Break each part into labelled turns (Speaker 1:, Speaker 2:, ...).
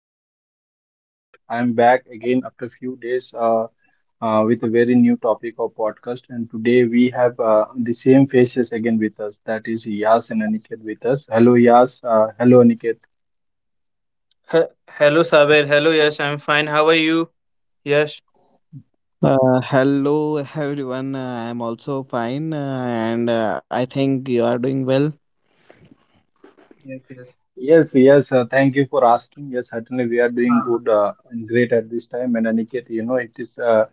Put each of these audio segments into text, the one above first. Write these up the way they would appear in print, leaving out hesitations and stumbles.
Speaker 1: is your host, Sabir. I am back again after a few days with a very new topic of podcast. And today we have the same faces again with us. That is Yas and Aniket with us. Hello, Yas. Hello, Aniket.
Speaker 2: He- Hello, Sabir. Hello, Yash. I'm fine. How are you, Yash?
Speaker 3: Hello everyone. I'm also fine, and I think you are doing well.
Speaker 2: Yes, yes.
Speaker 1: Yes, yes. Thank you for asking. Yes, certainly we are doing
Speaker 2: Ah.
Speaker 1: good and great at this time. And Aniket, you know, it is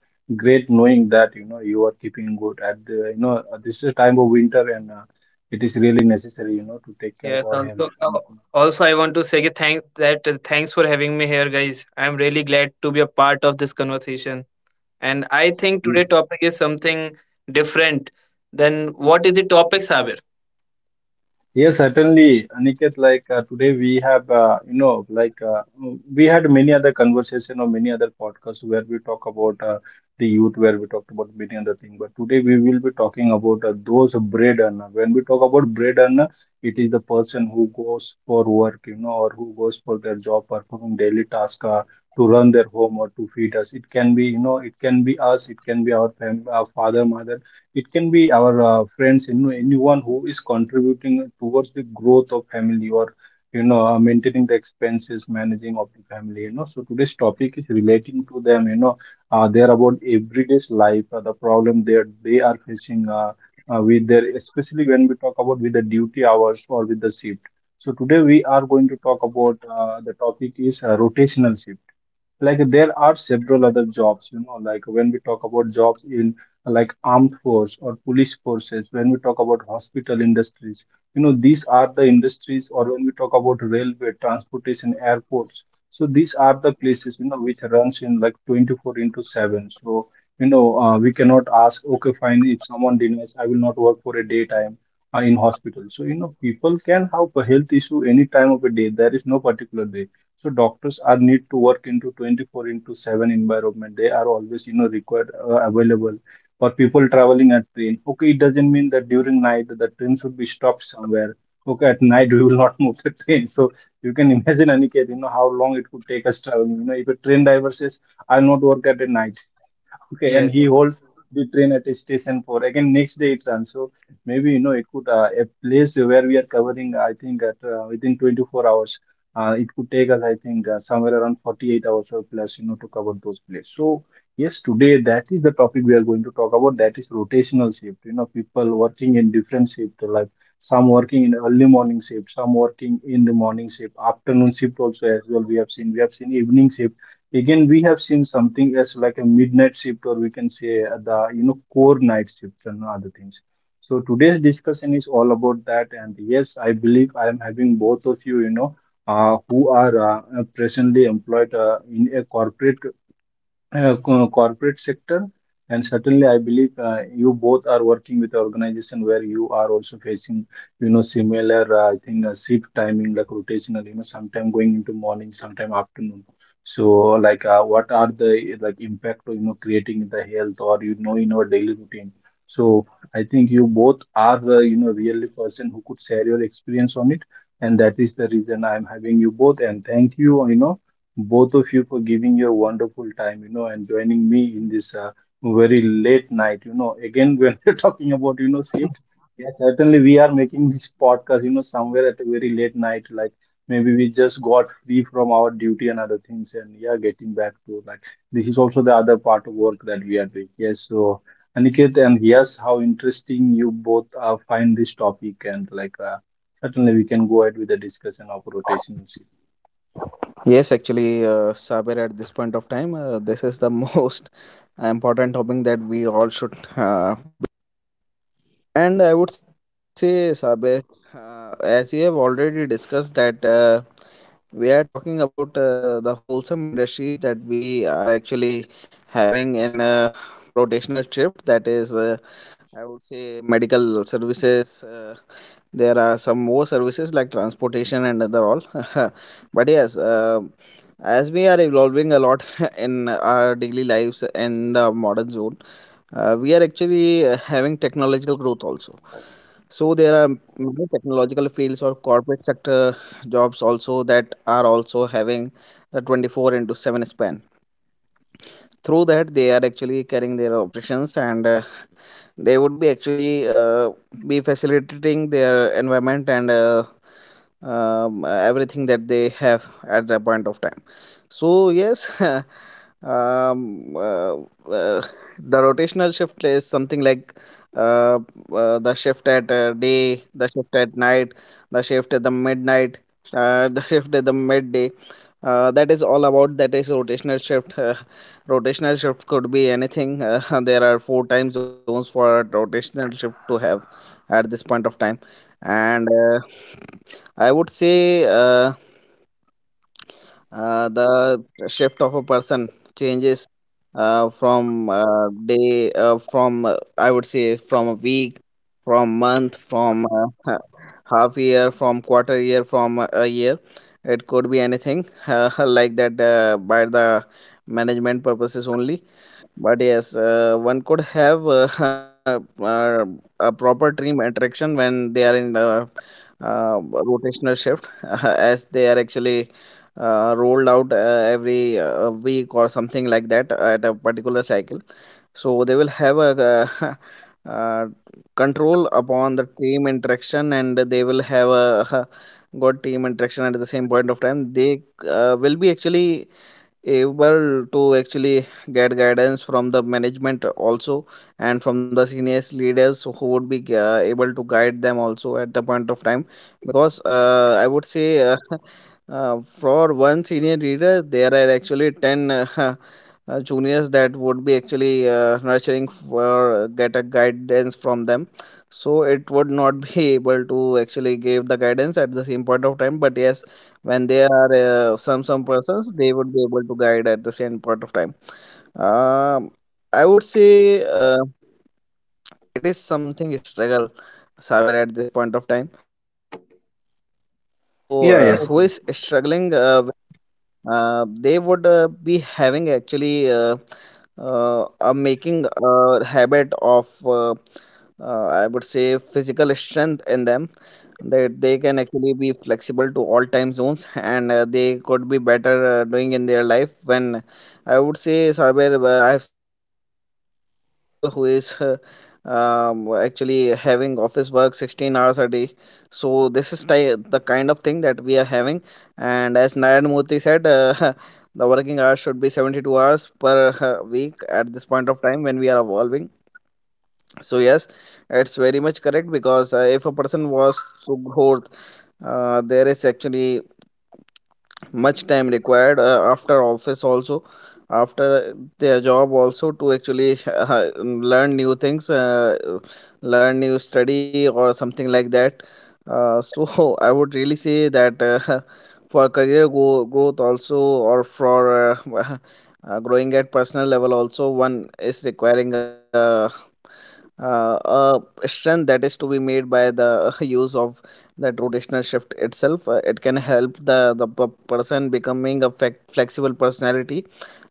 Speaker 1: great knowing that you know you are keeping good at the, this is a time of winter and it is really necessary you know to take care of
Speaker 2: Yes.
Speaker 1: our
Speaker 2: Also,
Speaker 1: health.
Speaker 2: uh,
Speaker 1: And,
Speaker 2: also, I want to say ki thanks for having me here, guys. I'm really glad to be a part of this conversation. And I think today topic is something different than, what is the topic, Sabir?
Speaker 1: yes, certainly, Aniket. Like today, we have we had many other conversation or many other podcasts where we talk about the youth, where we talked about many other things. But today, we will be talking about those bread earner. When we talk about bread earner, it is the person who goes for work, you know, or who goes for their job, performing daily task to run their home or to feed us. It can be you know, it can be us, it can be our family, our father, mother, it can be our friends, you know, anyone who is contributing towards the growth of family or maintaining the expenses, managing of the family. You know, so today's topic is relating to them. You know, they're about everyday's life, the problem that they are facing with their, especially when we talk about with the duty hours or with the shift. So today we are going to talk about the topic is rotational shift. Like there are several other jobs, you know, like when we talk about jobs in like armed force or police forces, when we talk about hospital industries, you know, these are the industries, or when we talk about railway transportation, airports, so these are the places, you know, which runs in like 24 into 7. So we cannot ask, okay, fine, if someone denies, I will not work for a daytime in hospital. So you know, people can have a health issue any time of a day. There is no particular day. So doctors are need to work into 24 into 7 environment. They are always, you know, required available for people traveling at train. Okay, it doesn't mean that during night the train should be stopped somewhere. Okay, at night we will not move the train. So you can imagine, Aniket, you know, how long it could take us traveling. You know, if a train driver says, I'll not work at the night. Okay, and
Speaker 2: Yes,
Speaker 1: he holds the train at a station for again next day it runs. So maybe you know it could a place where we are covering, I think at within 24 hours, it could take us, I think somewhere around 48 hours or plus, you know, to cover those places. So yes, today that is the topic we are going to talk about. That is rotational shift. You know, people working in different shift, like some working in early morning shift, some working in the morning shift, afternoon shift also as well. We have seen evening shift. Again, we have seen something as like a midnight shift, or we can say the you know core night shift and other things. So today's discussion is all about that. And yes, I believe I am having both of you, you know, who are presently employed in a corporate corporate sector, and certainly I believe you both are working with organization where you are also facing, you know, similar I think shift timing like rotational, you know, sometime going into morning, sometime afternoon. So like what are the like impact, you know, creating the health or you know in our daily routine. So I think you both are the you know really person who could share your experience on it, and that is the reason I'm having you both. And thank you, you know, both of you for giving your wonderful time, you know, and joining me in this very late night. You know, again, when we're talking about, you know, shift, yeah, certainly we are making this podcast, you know, somewhere at a very late night, like maybe we just got free from our duty and other things, and yeah, getting back to like this is also the other part of work that we are doing. Yes, so Aniket, and yes, how interesting you both find this topic, and like certainly we can go ahead with the discussion of rotation shift.
Speaker 3: Yes, actually, Saber, at this point of time, this is the most important topic that we all should. And I would say, Saber, as you have already discussed, that we are talking about the wholesome industries that we are actually having in a rotational shift. That is, I would say, medical services. There are some more services like transportation and other all. But yes, as we are evolving a lot in our daily lives in the modern zone, we are actually having technological growth also. So there are many technological fields or corporate sector jobs also that are also having the 24 into 7 span through that they are actually carrying their operations, and they would be actually be facilitating their environment and everything that they have at that point of time. So yes, uh, uh, the rotational shift is something like uh, the shift at day, the shift at night, the shift at the midnight, the shift at the midday. That is all about that is rotational shift. Rotational shift could be anything. There are four time zones for a rotational shift to have at this point of time, and I would say. The shift of a person changes from day, from I would say, from a week, from month, half year, from quarter year, from a year. It could be anything, like that, by the management purposes only. But yes, one could have uh, a proper team attraction when they are in the uh, rotational shift, as they are actually rolled out every week or something like that at a particular cycle. So they will have a uh, control upon the team interaction, and they will have a good team interaction at the same point of time. They will be actually able to actually get guidance from the management also, and from the seniors leaders who would be able to guide them also at the point of time. Because I would say, for one senior reader, there are actually 10 juniors that would be actually nurturing for get a guidance from them. So it would not be able to actually give the guidance at the same point of time. But yes, when there are some persons, they would be able to guide at the same point of time. Um, I would say it is something struggle, Saber, at this point of time. So, who is
Speaker 1: Yeah,
Speaker 3: struggling,
Speaker 1: yes.
Speaker 3: they would be having actually a making a habit of I would say physical strength in them, that they can actually be flexible to all time zones and they could be better doing in their life. When I would say Saber, I've seen people who is actually having office work 16 hours a day. So this is the kind of thing that we are having. And as Nayan Murthy said, the working hours should be 72 hours per week at this point of time when we are evolving. So, yes, it's very much correct because if a person was to growth, there is actually much time required after office also, after their job also, to actually learn new things, learn new study or something like that. So I would really say that for career growth also, or for growing at personal level also, one is requiring uh, a strength that is to be made by the use of that rotational shift itself. It can help the person becoming a flexible personality,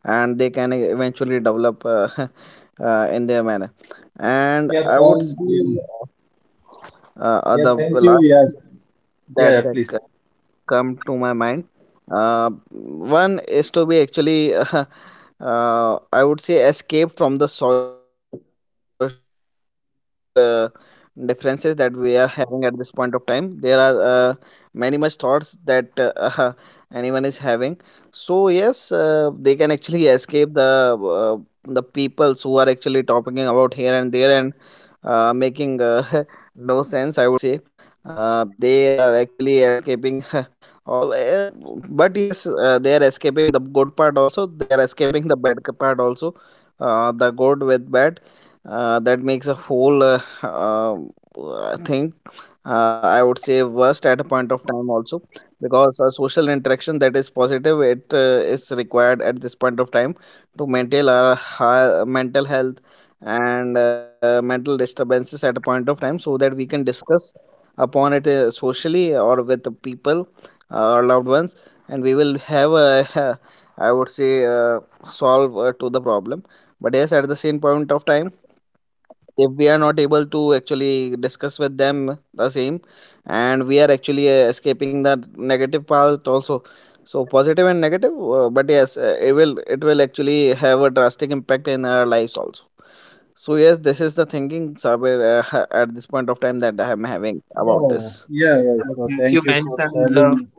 Speaker 3: and they can eventually develop in their manner. And
Speaker 1: Yeah,
Speaker 3: I would
Speaker 1: thank
Speaker 3: say
Speaker 1: you. Yeah,
Speaker 3: the
Speaker 1: thank you.
Speaker 3: last
Speaker 1: Yes.
Speaker 3: that,
Speaker 1: Yeah,
Speaker 3: that
Speaker 1: please.
Speaker 3: c- come to my mind. One is to be actually I would say escape from the social differences that we are having at this point of time. There are uh, many much thoughts that anyone is having. So yes, they can actually escape the peoples who are actually talking about here and there, and making no sense, I would say. They are actually escaping all, but yes, they are escaping the good part also. They are escaping the part also. The good with bad, that makes a whole thing, I would say, worst at a point of time also. Because a social interaction that is positive, it is required at this point of time to maintain our high, mental health, and mental disturbances at a point of time, so that we can discuss upon it socially, or with the people, or loved ones, and we will have a I would say solve to the problem. But yes, at the same point of time, if we are not able to actually discuss with them the same, and we are actually escaping that negative part also, so positive and negative, but yes, it will actually have a drastic impact in our lives also. So yes, this is the thinking, Sabir, at this point of time, that I am having about this.
Speaker 1: Yeah, yeah, yeah. So
Speaker 2: yes. You
Speaker 1: thank you for
Speaker 2: mentioned love.
Speaker 1: sharing.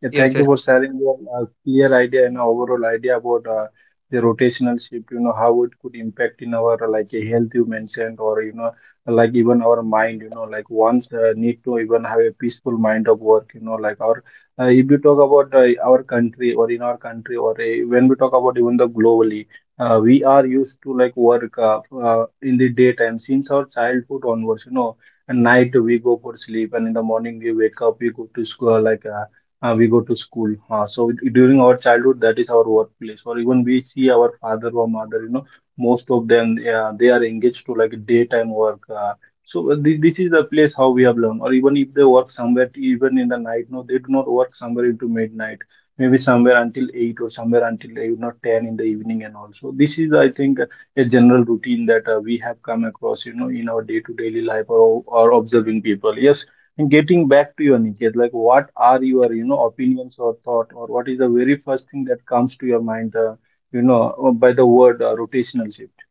Speaker 1: Yeah,
Speaker 2: Yes,
Speaker 1: thank you
Speaker 2: yes.
Speaker 1: for sharing your clear idea and overall idea about the rotational shift, you know, how it could impact in our like a health you mentioned, or you know, like even our mind, you know, like once need to even have a peaceful mind of work, you know, like our if you talk about our country or in our country or when we talk about even the globally, we are used to like work in the daytime since our childhood onwards, you know, at night we go for sleep and in the morning we wake up, we go to school like. We go to school. So during our childhood, that is our workplace, or even we see our father or mother. You know, most of them they are engaged to like daytime work. So this is the place how we have learned. Or even if they work somewhere, even in the night, no, they do not work somewhere into midnight. Maybe somewhere until 8 or somewhere until you know 10 in the evening and also. This is, I think, a general routine that we have come across. You know, in our day to daily life or observing people. Yes, and getting back to your Niket, like what are your, you know, opinions or thought, or what is the very first thing that comes to your mind, by the word rotational shift?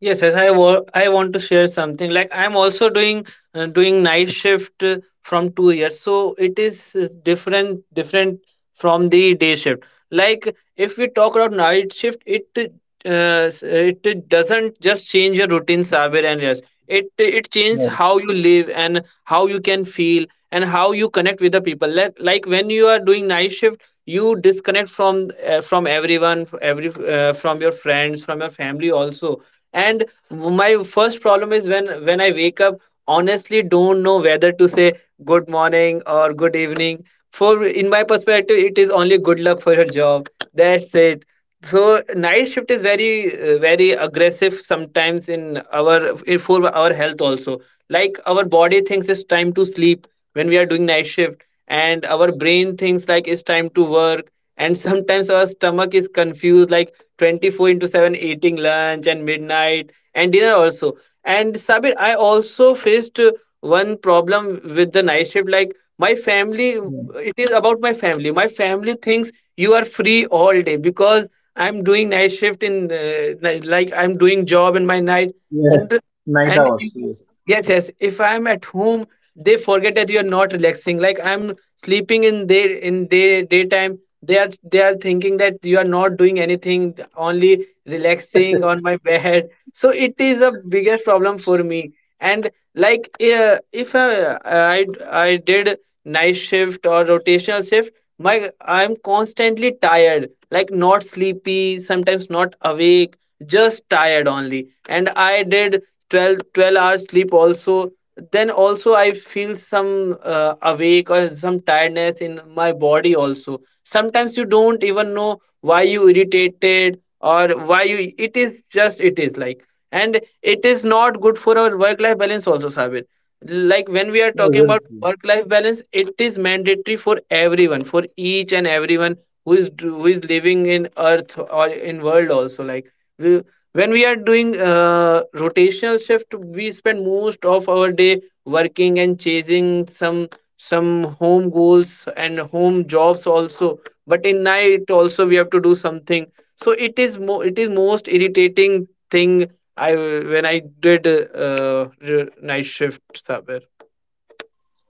Speaker 2: Yes, yes, I want to share something. Like I'm also doing night shift from 2 years, so it is different from the day shift. Like if we talk about night shift, it doesn't just change your routine, Sabir. And yes, it changes
Speaker 1: Yeah,
Speaker 2: how you live and how you can feel and how you connect with the people. Like when you are doing night shift, you disconnect from everyone, every from your friends, from your family also. And my first problem is, when I wake up, honestly don't know whether to say good morning or good evening. For in my perspective, it is only good luck for your job. That's it. So night shift is very aggressive sometimes in our, for our health also. Like, our body thinks it's time to sleep when we are doing night shift, and our brain thinks like it's time to work. And sometimes our stomach is confused, like 24 into 7, eating lunch and midnight and dinner also. And Sabir, I also faced one problem with the night shift. Like my family,
Speaker 1: yeah,
Speaker 2: it is about my family. My family thinks you are free all day because I'm doing night shift in, like I'm doing job in my night.
Speaker 1: yeah.
Speaker 2: And
Speaker 1: Night
Speaker 2: and
Speaker 1: hours. Yes.
Speaker 2: yes, yes, if I'm at home, they forget that you are not relaxing. Like I'm sleeping in day, in day daytime. They are thinking that you are not doing anything, only relaxing on my bed. So it is a biggest problem for me. And like, if I did night shift or rotational shift, my I'm constantly tired. Like not sleepy, sometimes not awake, just tired only. And I did twelve hours sleep also. Then also I feel some, awake or some tiredness in my body also. Sometimes you don't even know why you irritated or why you it is just, it is like. And it is not good for our work life balance also, Sabir. Like when we are
Speaker 1: Yeah,
Speaker 2: talking
Speaker 1: very
Speaker 2: about
Speaker 1: true.
Speaker 2: work life balance, it is mandatory for everyone, for each and everyone who is living in earth or in world also. Like we, when we are doing rotational shift, we spend most of our day working and chasing some home goals and home jobs also. But in night also we have to do something. So it is it is most irritating thing. I when i did night shift somewhere.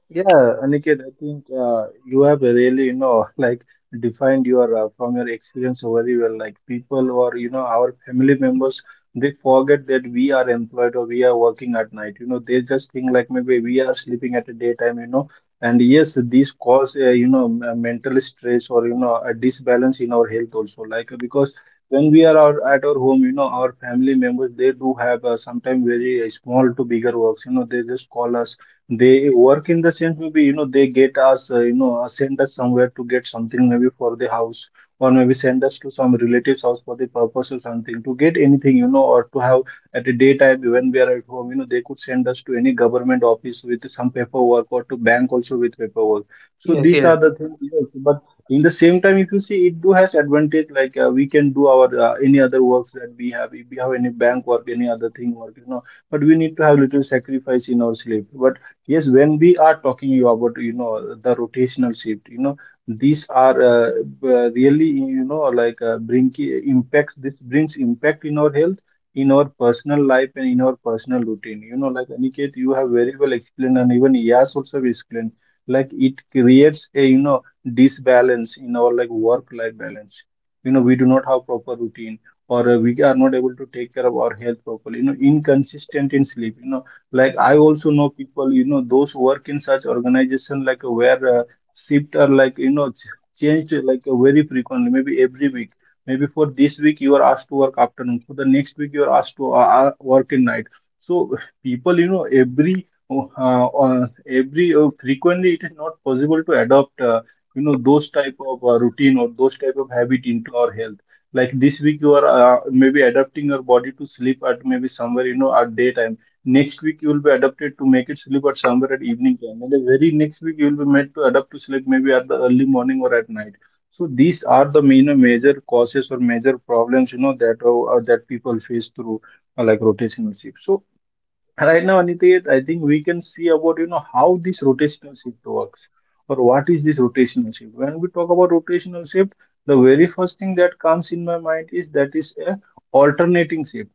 Speaker 1: Yeah, Aniket, I think you have really, you know, like defined your from your experience very well. Like people or you know our family members, they forget that we are employed or we are working at night. You know, they just think like maybe we are sleeping at a daytime. You know, and yes, these cause you know mental stress or you know a disbalance in our health also. Like because when we are out, at our home, you know, our family members they do have sometimes very small to bigger works. You know, they just call us they work in the sense maybe you know they get us send us somewhere to get something maybe for the house or maybe send us to some relatives house for the purpose or something to get anything you know or to have at a daytime when we are at home, you know, they could send us to any government office with some paperwork or to bank also with paperwork. So
Speaker 2: Yes,
Speaker 1: these
Speaker 2: yes.
Speaker 1: are the things you know, but in the same time, if you see, it do has advantage, like we can do our any other works that we have if we have any bank work, any other thing work, you know, but we need to have little sacrifice in our sleep. But yes, when we are talking you about, you know, the rotational shift, you know, these are really, you know, like bring impact. This brings impact in our health, in our personal life, and in our personal routine. You know, like Aniket, you have very well explained, and even Yas also explained. Like it creates a, you know, disbalance in our like work-life balance. You know, we do not have proper routine, or we are not able to take care of our health properly. You know, inconsistent in sleep. You know, like I also know people, you know, those who work in such organization, like where shift are like, you know, ch changed like very frequently, maybe every week. Maybe for this week you are asked to work afternoon, for the next week you are asked to work in night. So people, every uh, frequently it is not possible to adopt, those type of routine or those type of habit into our health. Like this week you are maybe adapting your body to sleep at maybe somewhere at daytime. Next week you will be adapted to make it sleep at somewhere at evening time, and the very next week you will be made to adapt to sleep maybe at the early morning or at night. So these are the major causes or major problems, that people face through, like rotational shift. So right now, Aniket, I think we can see about how this rotational shift works, or what is this rotational shift. When we talk about rotational shift, the very first thing that comes in my mind is that is a alternating shift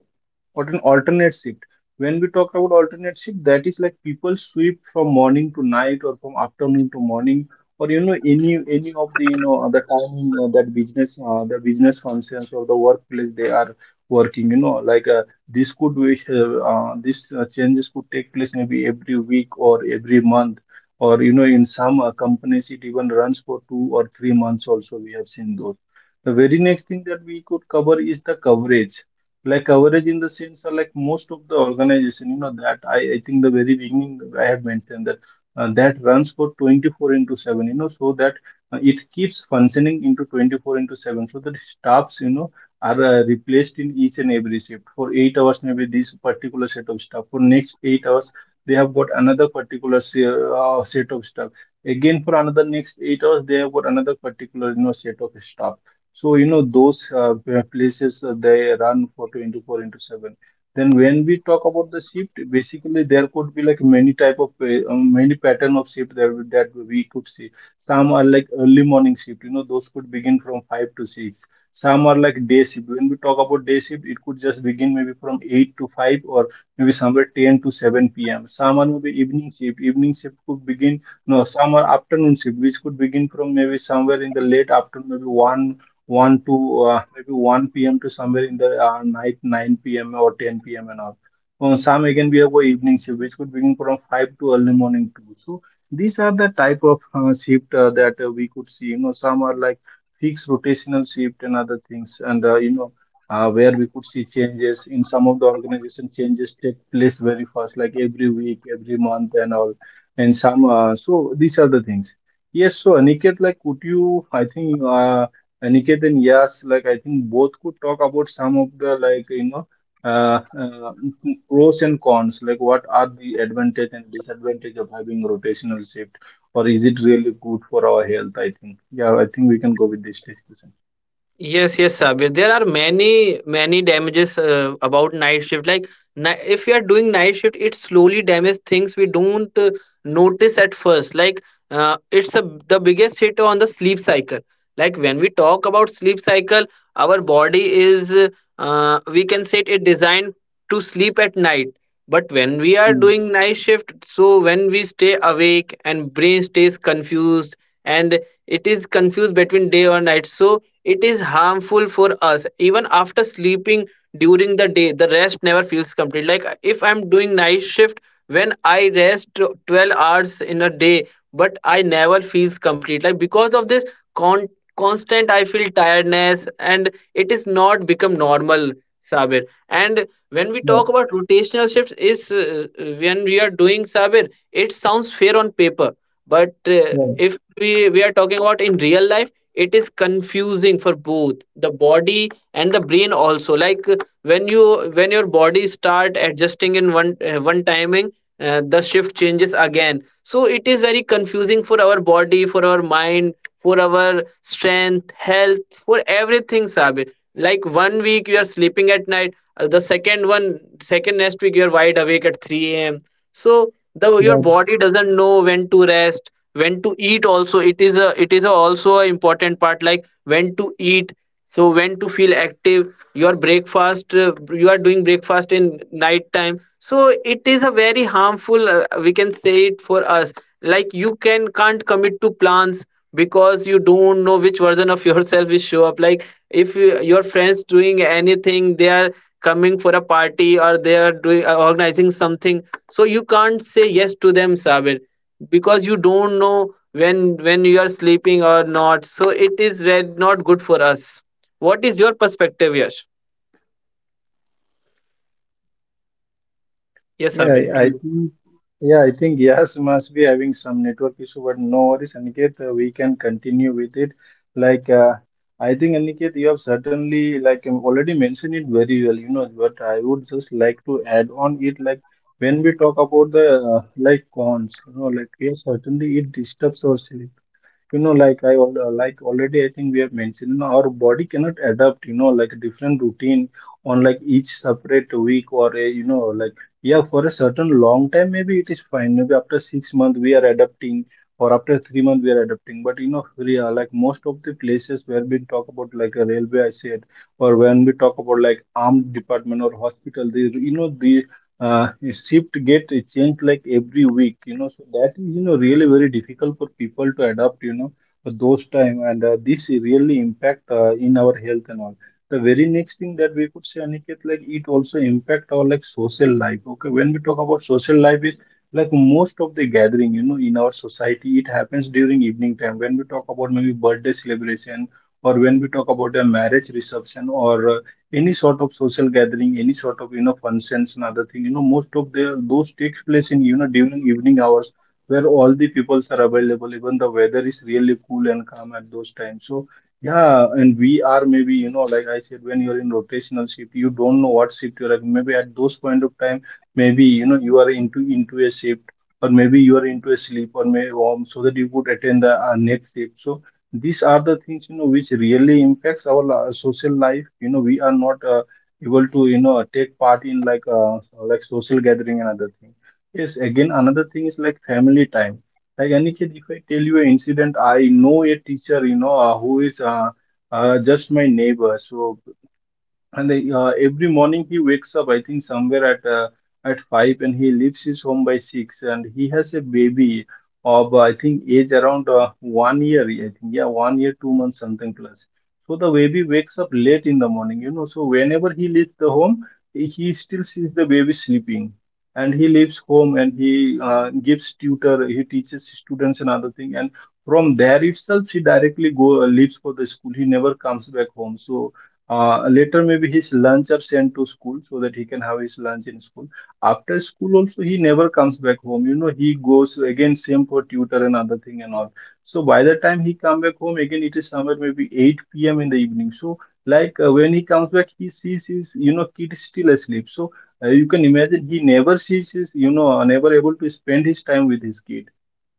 Speaker 1: or an alternate shift. When we talk about alternate shift, that is like people sweep from morning to night or from afternoon to morning, or any of the you know the timing, that business the business functions or the workplace they are working, this could be, this changes could take place maybe every week or every month, or in some companies it even runs for 2 or 3 months also. We have seen those. The very next thing that we could cover is the coverage. Like coverage in the sense, like most of the organization, that I think the very beginning I have mentioned that, runs for 24 into 7, so that it keeps functioning into 24 into 7, so that staffs, are replaced in each and every shift. For 8 hours, maybe this particular set of staff. For next 8 hours, they have got another particular set of staff. Again, for another next 8 hours, they have got another particular, set of staff. So those places, they run for 24 into 7. Then when we talk about the shift, basically there could be like many type of many pattern of shift that that we could see. Some are like early morning shift. Those could begin from 5 to 6. Some are like day shift. When we talk about day shift, it could just begin maybe from 8 to 5, or maybe somewhere 10 to 7 p.m. Some are maybe evening shift. Evening shift could begin, no, some are afternoon shift, which could begin from maybe somewhere in the late afternoon, maybe 1, 1 to, maybe 1 p.m. to somewhere in the, night 9 p.m. or 10 p.m. and all. On some again we have a evening shift, which could begin from 5 to early morning 2. So these are the type of shift, that we could see. You know, some are like fixed rotational shift and other things, and where we could see changes. In some of the organization changes take place very fast, like every week, every month and all, and some, so these are the things. Yes, so Aniket, like could you, I think, Aniket and yes like I think both could talk about some of the like, uh, uh, pros and cons, like what are the advantage and disadvantage of having rotational shift, or is it really good for our health? I think, yeah, I think we can go with this discussion.
Speaker 2: Yes, yes, Sabir. There are many, many damages about night shift. Like, if we are doing night shift, it slowly damages things we don't notice at first. Like, uh, it's a, the biggest hit on the sleep cycle. Like, when we talk about sleep cycle, our body is, we can say, it designed to sleep at night. But when we are
Speaker 1: Mm.
Speaker 2: doing night shift, so when we stay awake and brain stays confused, and it is confused between day or night. So it is harmful for us. Even after sleeping during the day, the rest never feels complete. Like if I'm doing night shift, when I rest 12 hours in a day, but I never feels complete. Like because of this con- constant, I feel tiredness, and it is not become normal, Sabir. And when we
Speaker 1: Yeah,
Speaker 2: talk about rotational shifts, is when we are doing, Sabir, it sounds fair on paper, but
Speaker 1: yeah,
Speaker 2: if we are talking about in real life, it is confusing for both the body and the brain also. Like, when your body start adjusting in one, timing, the shift changes again. So it is very confusing for our body, for our mind, for our strength health, for everything, sabe. Like one week you are sleeping at night, the second one, second, next week you are wide awake at 3 a.m. So the your
Speaker 1: right.
Speaker 2: body doesn't know when to rest, when to eat also. It is a, also a important part, like when to eat. So when to feel active, your breakfast, you are doing breakfast in night time. So it is a very harmful, we can say it for us. Like you can't commit to plans because you don't know which version of yourself will show up. Like if your friends doing anything, they are coming for a party or they are doing organizing something, so you can't say yes to them, Sabir, because you don't know when you are sleeping or not. So it is very not good for us. What is your perspective, Yash? Yes,
Speaker 1: Yeah,
Speaker 2: Abid,
Speaker 1: I
Speaker 2: to
Speaker 1: I
Speaker 2: you.
Speaker 1: think. Yeah, I think Yas must be having some network issue, but no worries, Aniket. We can continue with it. Like, I think Aniket, you have certainly like, already mentioned it very well, you know. But I would just like to add on it. Like when we talk about the, uh, like cons, you know, like yes, certainly it disturbs us, you know. Like like already I think we have mentioned, you know, our body cannot adapt, you know, like a different routine on like each separate week or a, you know, like yeah, for a certain long time maybe it is fine, maybe after 6 months we are adapting, or after 3 months we are adapting, but you know, we are, like most of the places where we talk about like a railway, I said, or when we talk about like armed department or hospital, they, you know, the shift get a change like every week, you know. So that is, you know, really very difficult for people to adapt, you know, at those time. And this really impact, in our health and all. The very next thing that we could say, Aniket, like it also impact our like social life. Okay, when we talk about social life is like most of the gathering, you know, in our society it happens during evening time, when we talk about maybe birthday celebration, or when we talk about a marriage reception, or any sort of social gathering, any sort of, you know, functions and other thing. You know, most of the those takes place in, you know, during evening hours, where all the peoples are available. Even the weather is really cool and calm at those times. So yeah, and we are maybe, you know, like I said, when you're in rotational shift, you don't know what shift you're at. Maybe at those point of time, maybe, you know, you are into a shift. Or maybe you are into a sleep, or maybe, so that you could attend the, next shift. So these are the things, you know, which really impacts our, social life. You know, we are not, able to, you know, take part in like, like social gathering and other thing. Yes, again, another thing is like family time. Like Aniket, if I tell you an incident, I know a teacher, you know, who is, just my neighbor. So and they, every morning he wakes up, I think somewhere at, at 5, and he leaves his home by 6. And he has a baby of, I think age around, 1 year. I think yeah, 1 year, 2 months, something plus. So the baby wakes up late in the morning, you know. So whenever he leaves the home, he still sees the baby sleeping, and he leaves home and he, gives tutor, he teaches students and other thing. And from there itself, he directly go leaves for the school. He never comes back home. So, later, maybe his lunch are sent to school so that he can have his lunch in school. After school, also he never comes back home. You know, he goes again same for tutor and other thing and all. So by the time he come back home again, it is somewhere maybe 8 p.m. in the evening. So like, when he comes back, he sees his, you know, kid still asleep. So, you can imagine he never sees his, you know, never able to spend his time with his kid.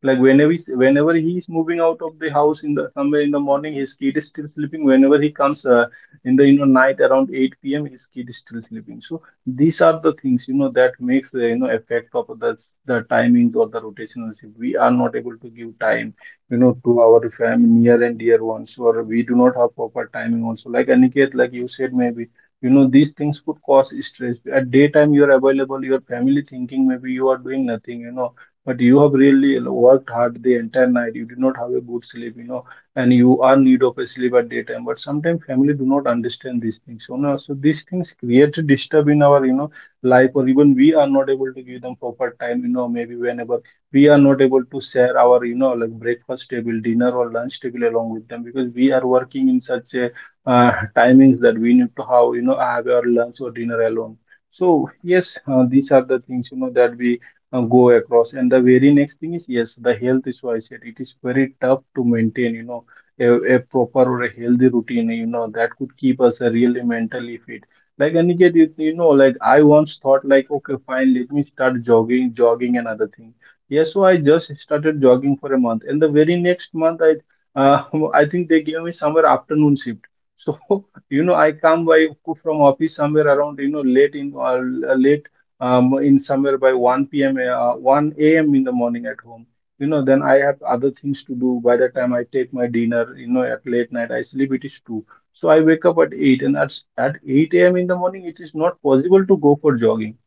Speaker 1: Like whenever he's moving out of the house in the somewhere in the morning, his kid is still sleeping. Whenever he comes, in the, you know, night around 8 p.m., his kid is still sleeping. So these are the things, you know, that makes the, you know, effect of the, timing or the rotational shift. We are not able to give time, you know, to our family near and dear ones, or we do not have proper timing also. Like Aniket, like you said, maybe, you know, these things could cause stress. At daytime you are available, your family thinking maybe you are doing nothing, you know, but you have really worked hard the entire night. You did not have a good sleep, you know, and you are need of a sleep at daytime. But sometimes family do not understand these things, you know. So these things create a disturb in our, you know, life, or even we are not able to give them proper time, you know. Maybe whenever we are not able to share our, you know, like breakfast table, dinner, or lunch table along with them, because we are working in such a, timings that we need to have, you know, have our lunch or dinner alone. So yes, these are the things, you know, that we, go across. And the very next thing is, yes, the health issue I said, it is very tough to maintain, you know, a proper or a healthy routine, you know, that could keep us, really mentally fit. Like Aniket, like I once thought, like, okay, fine, let me start jogging and other thing. Yes, so I just started jogging for a month. And the very next month, I think they gave me somewhere afternoon shift. So, I come by from office somewhere around, late in somewhere by 1 p.m. 1 a.m. in the morning at home. Then I have other things to do. By the time I take my dinner, at late night I sleep. It is 2. So I wake up at 8, and at 8 a.m. in the morning, it is not possible to go for jogging.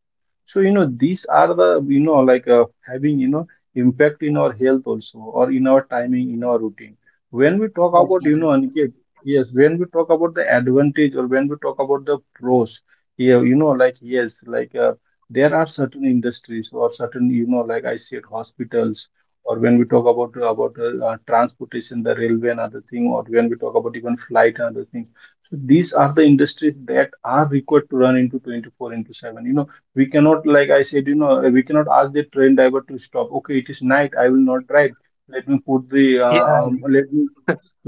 Speaker 1: So, these are the, like having, impact in our health also, or in our timing, in our routine. When we talk about, Aniket, yes, when we talk about the advantage, or when we talk about the pros, yeah, like, yes, like, there are certain industries, or certain, like I said, hospitals, or when we talk about transportation, the railway and other thing, or when we talk about even flight and other things. So these are the industries that are required to run into 24 into 7. We cannot, like I said, we cannot ask the train driver to stop. Okay, it is night, I will not drive, let me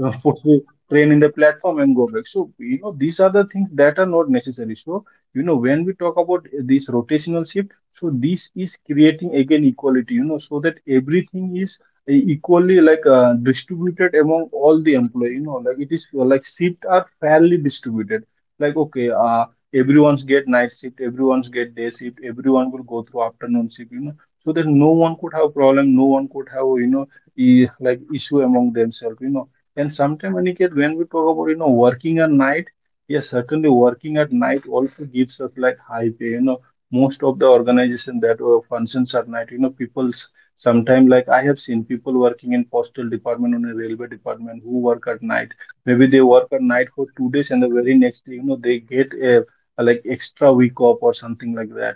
Speaker 1: uh, put the train in the platform and go back. So, these are the things that are not necessary. So, when we talk about this rotational shift, so this is creating again equality, so that everything is equally, like, distributed among all the employee, like it is, like shift are fairly distributed. Like, okay, everyone's get night shift, everyone's get day shift, everyone will go through afternoon shift, so that no one could have problem, no one could have, like issue among themselves, . And sometimes when you get, when we talk about, working at night. Yes, certainly working at night also gives us like high pay, . Most of the organization that functions at night, people's sometimes, like I have seen people working in postal department on a railway department who work at night. Maybe they work at night for 2 days, and the very next day, they get a like extra week off or something like that.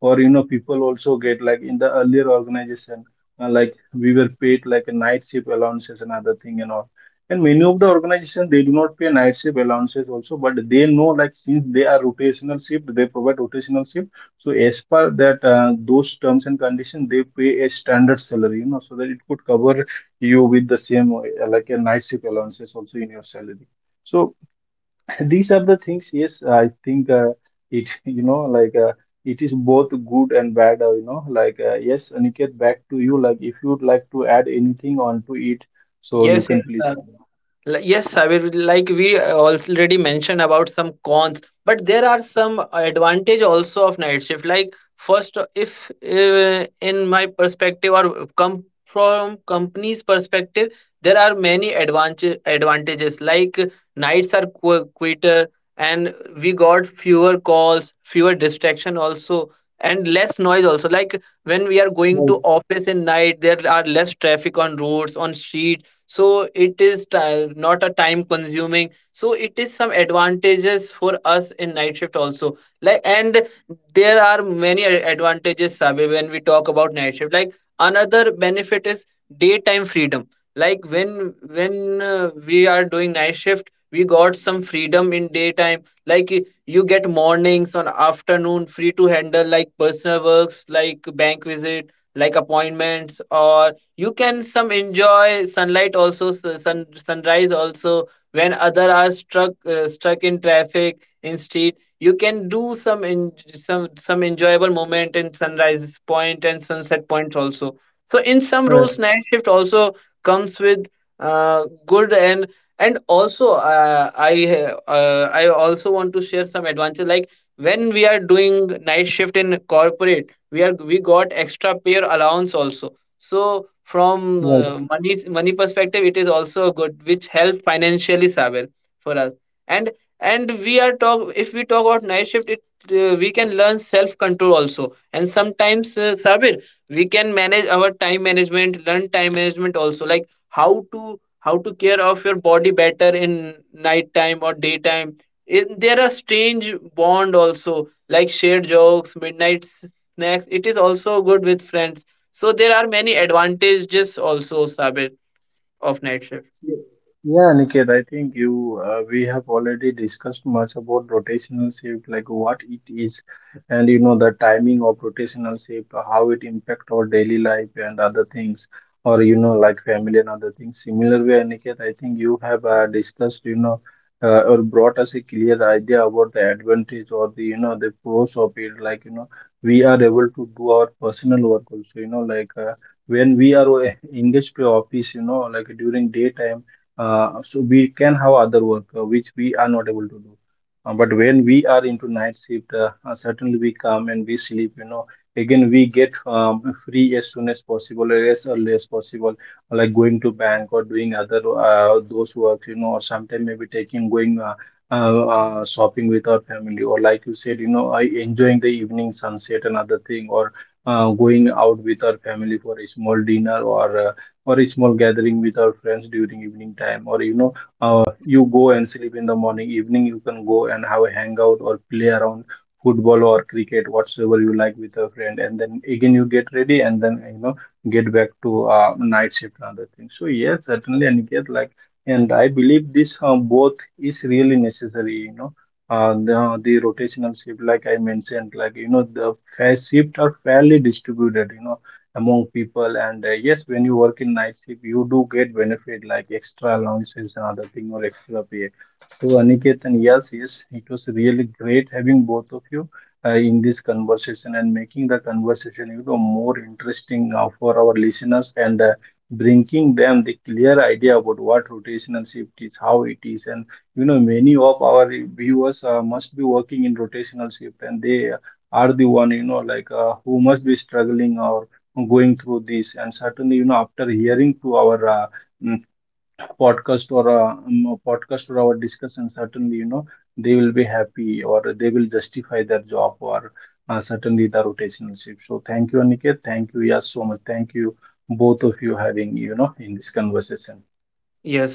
Speaker 1: Or people also get, like in the earlier organization, like we were paid like a night shift allowances and other thing and all. And many of the organizations, they do not pay night shift allowances also, but they know, like, since they are rotational shift, they provide rotational shift. So as per that, those terms and conditions, they pay a standard salary, so that it could cover you with the same like a night shift allowances also in your salary. So these are the things, yes, I think, like, it is both good and bad, like, yes, Aniket, back to you. Like, if you'd like to add anything onto it, so you
Speaker 2: Yes, yes,
Speaker 1: can please
Speaker 2: uh,
Speaker 1: add. It.
Speaker 2: yes. I will, like we already mentioned about some cons, but there are some advantage also of night shift. Like first, if in my perspective or come from company's perspective, there are many advantages. Like nights are quieter, and we got fewer calls, fewer distraction also. And less noise also. Like when we are going to
Speaker 1: Right,
Speaker 2: office in night, there are less traffic on roads, on streets. So it is ti not a time consuming. So it is some advantages for us in night shift also. Like, and there are many advantages, Sabe. When we talk about night shift, like another benefit is daytime freedom. Like when we are doing night shift, we got some freedom in daytime. Like you get mornings on afternoon free to handle like personal works, like bank visit, like appointments. Or you can some enjoy sunlight also, sunrise also, when other are struck stuck in traffic in street. You can do some in, some enjoyable moment in sunrise point and sunset points also. So in some
Speaker 1: right,
Speaker 2: roles, night shift also comes with uh, good. And also, I also want to share some advantage. Like when we are doing night shift in corporate, we got extra pair allowance also. So from
Speaker 1: right.
Speaker 2: money perspective, it is also good, which help financially, Saber, for us. And and we are talk if we talk about night shift, it we can learn self control also. And sometimes, Sabir, we can manage our time management, learn time management also, like how to care of your body better in night time or daytime. There are strange bond also, like shared jokes, midnight snacks. It is also good with friends. So there are many advantages also, Sabir, of night shift.
Speaker 1: Yeah, Niket, I think, you we have already discussed much about rotational shift, like what it is, and the timing of rotational shift, how it impact our daily life and other things, or like family and other things. Similar way, Niket, I think you have discussed, or brought us a clear idea about the advantage, or the you know the pros of it. Like, we are able to do our personal work also. When we are engaged to office, like during daytime, so we can have other work, which we are not able to do. But when we are into night shift, certainly we come and we sleep, . Again we get free as soon as possible or as early as possible, like going to bank or doing other those work, . Or sometimes maybe taking going uh, shopping with our family, or like you said, I enjoying the evening sunset and other thing, or going out with our family for a small dinner, or a small gathering with our friends during evening time, or you go and sleep in the morning evening, you can go and have a hangout or play around football or cricket whatsoever you like with a friend, and then again you get ready, and then get back to night shift and other things. So yes, certainly, and get like, and I believe this both is really necessary, . The rotational shift, like I mentioned, like, the shift are fairly distributed, among people. And yes, when you work in night shift, you do get benefit like extra allowances and other thing, or extra pay. So Aniket, and yes, yes, it was really great having both of you in this conversation and making the conversation more interesting, for our listeners, and bringing them the clear idea about what rotational shift is, how it is, and many of our viewers must be working in rotational shift, and they are the one, like, who must be struggling or going through this. And certainly, after hearing to our mm, podcast or our discussion, certainly, they will be happy or they will justify their job, or certainly the rotational shift. So thank you, Aniket. Thank you, yes, so much. Thank you, both of you having in this conversation.
Speaker 2: Yes,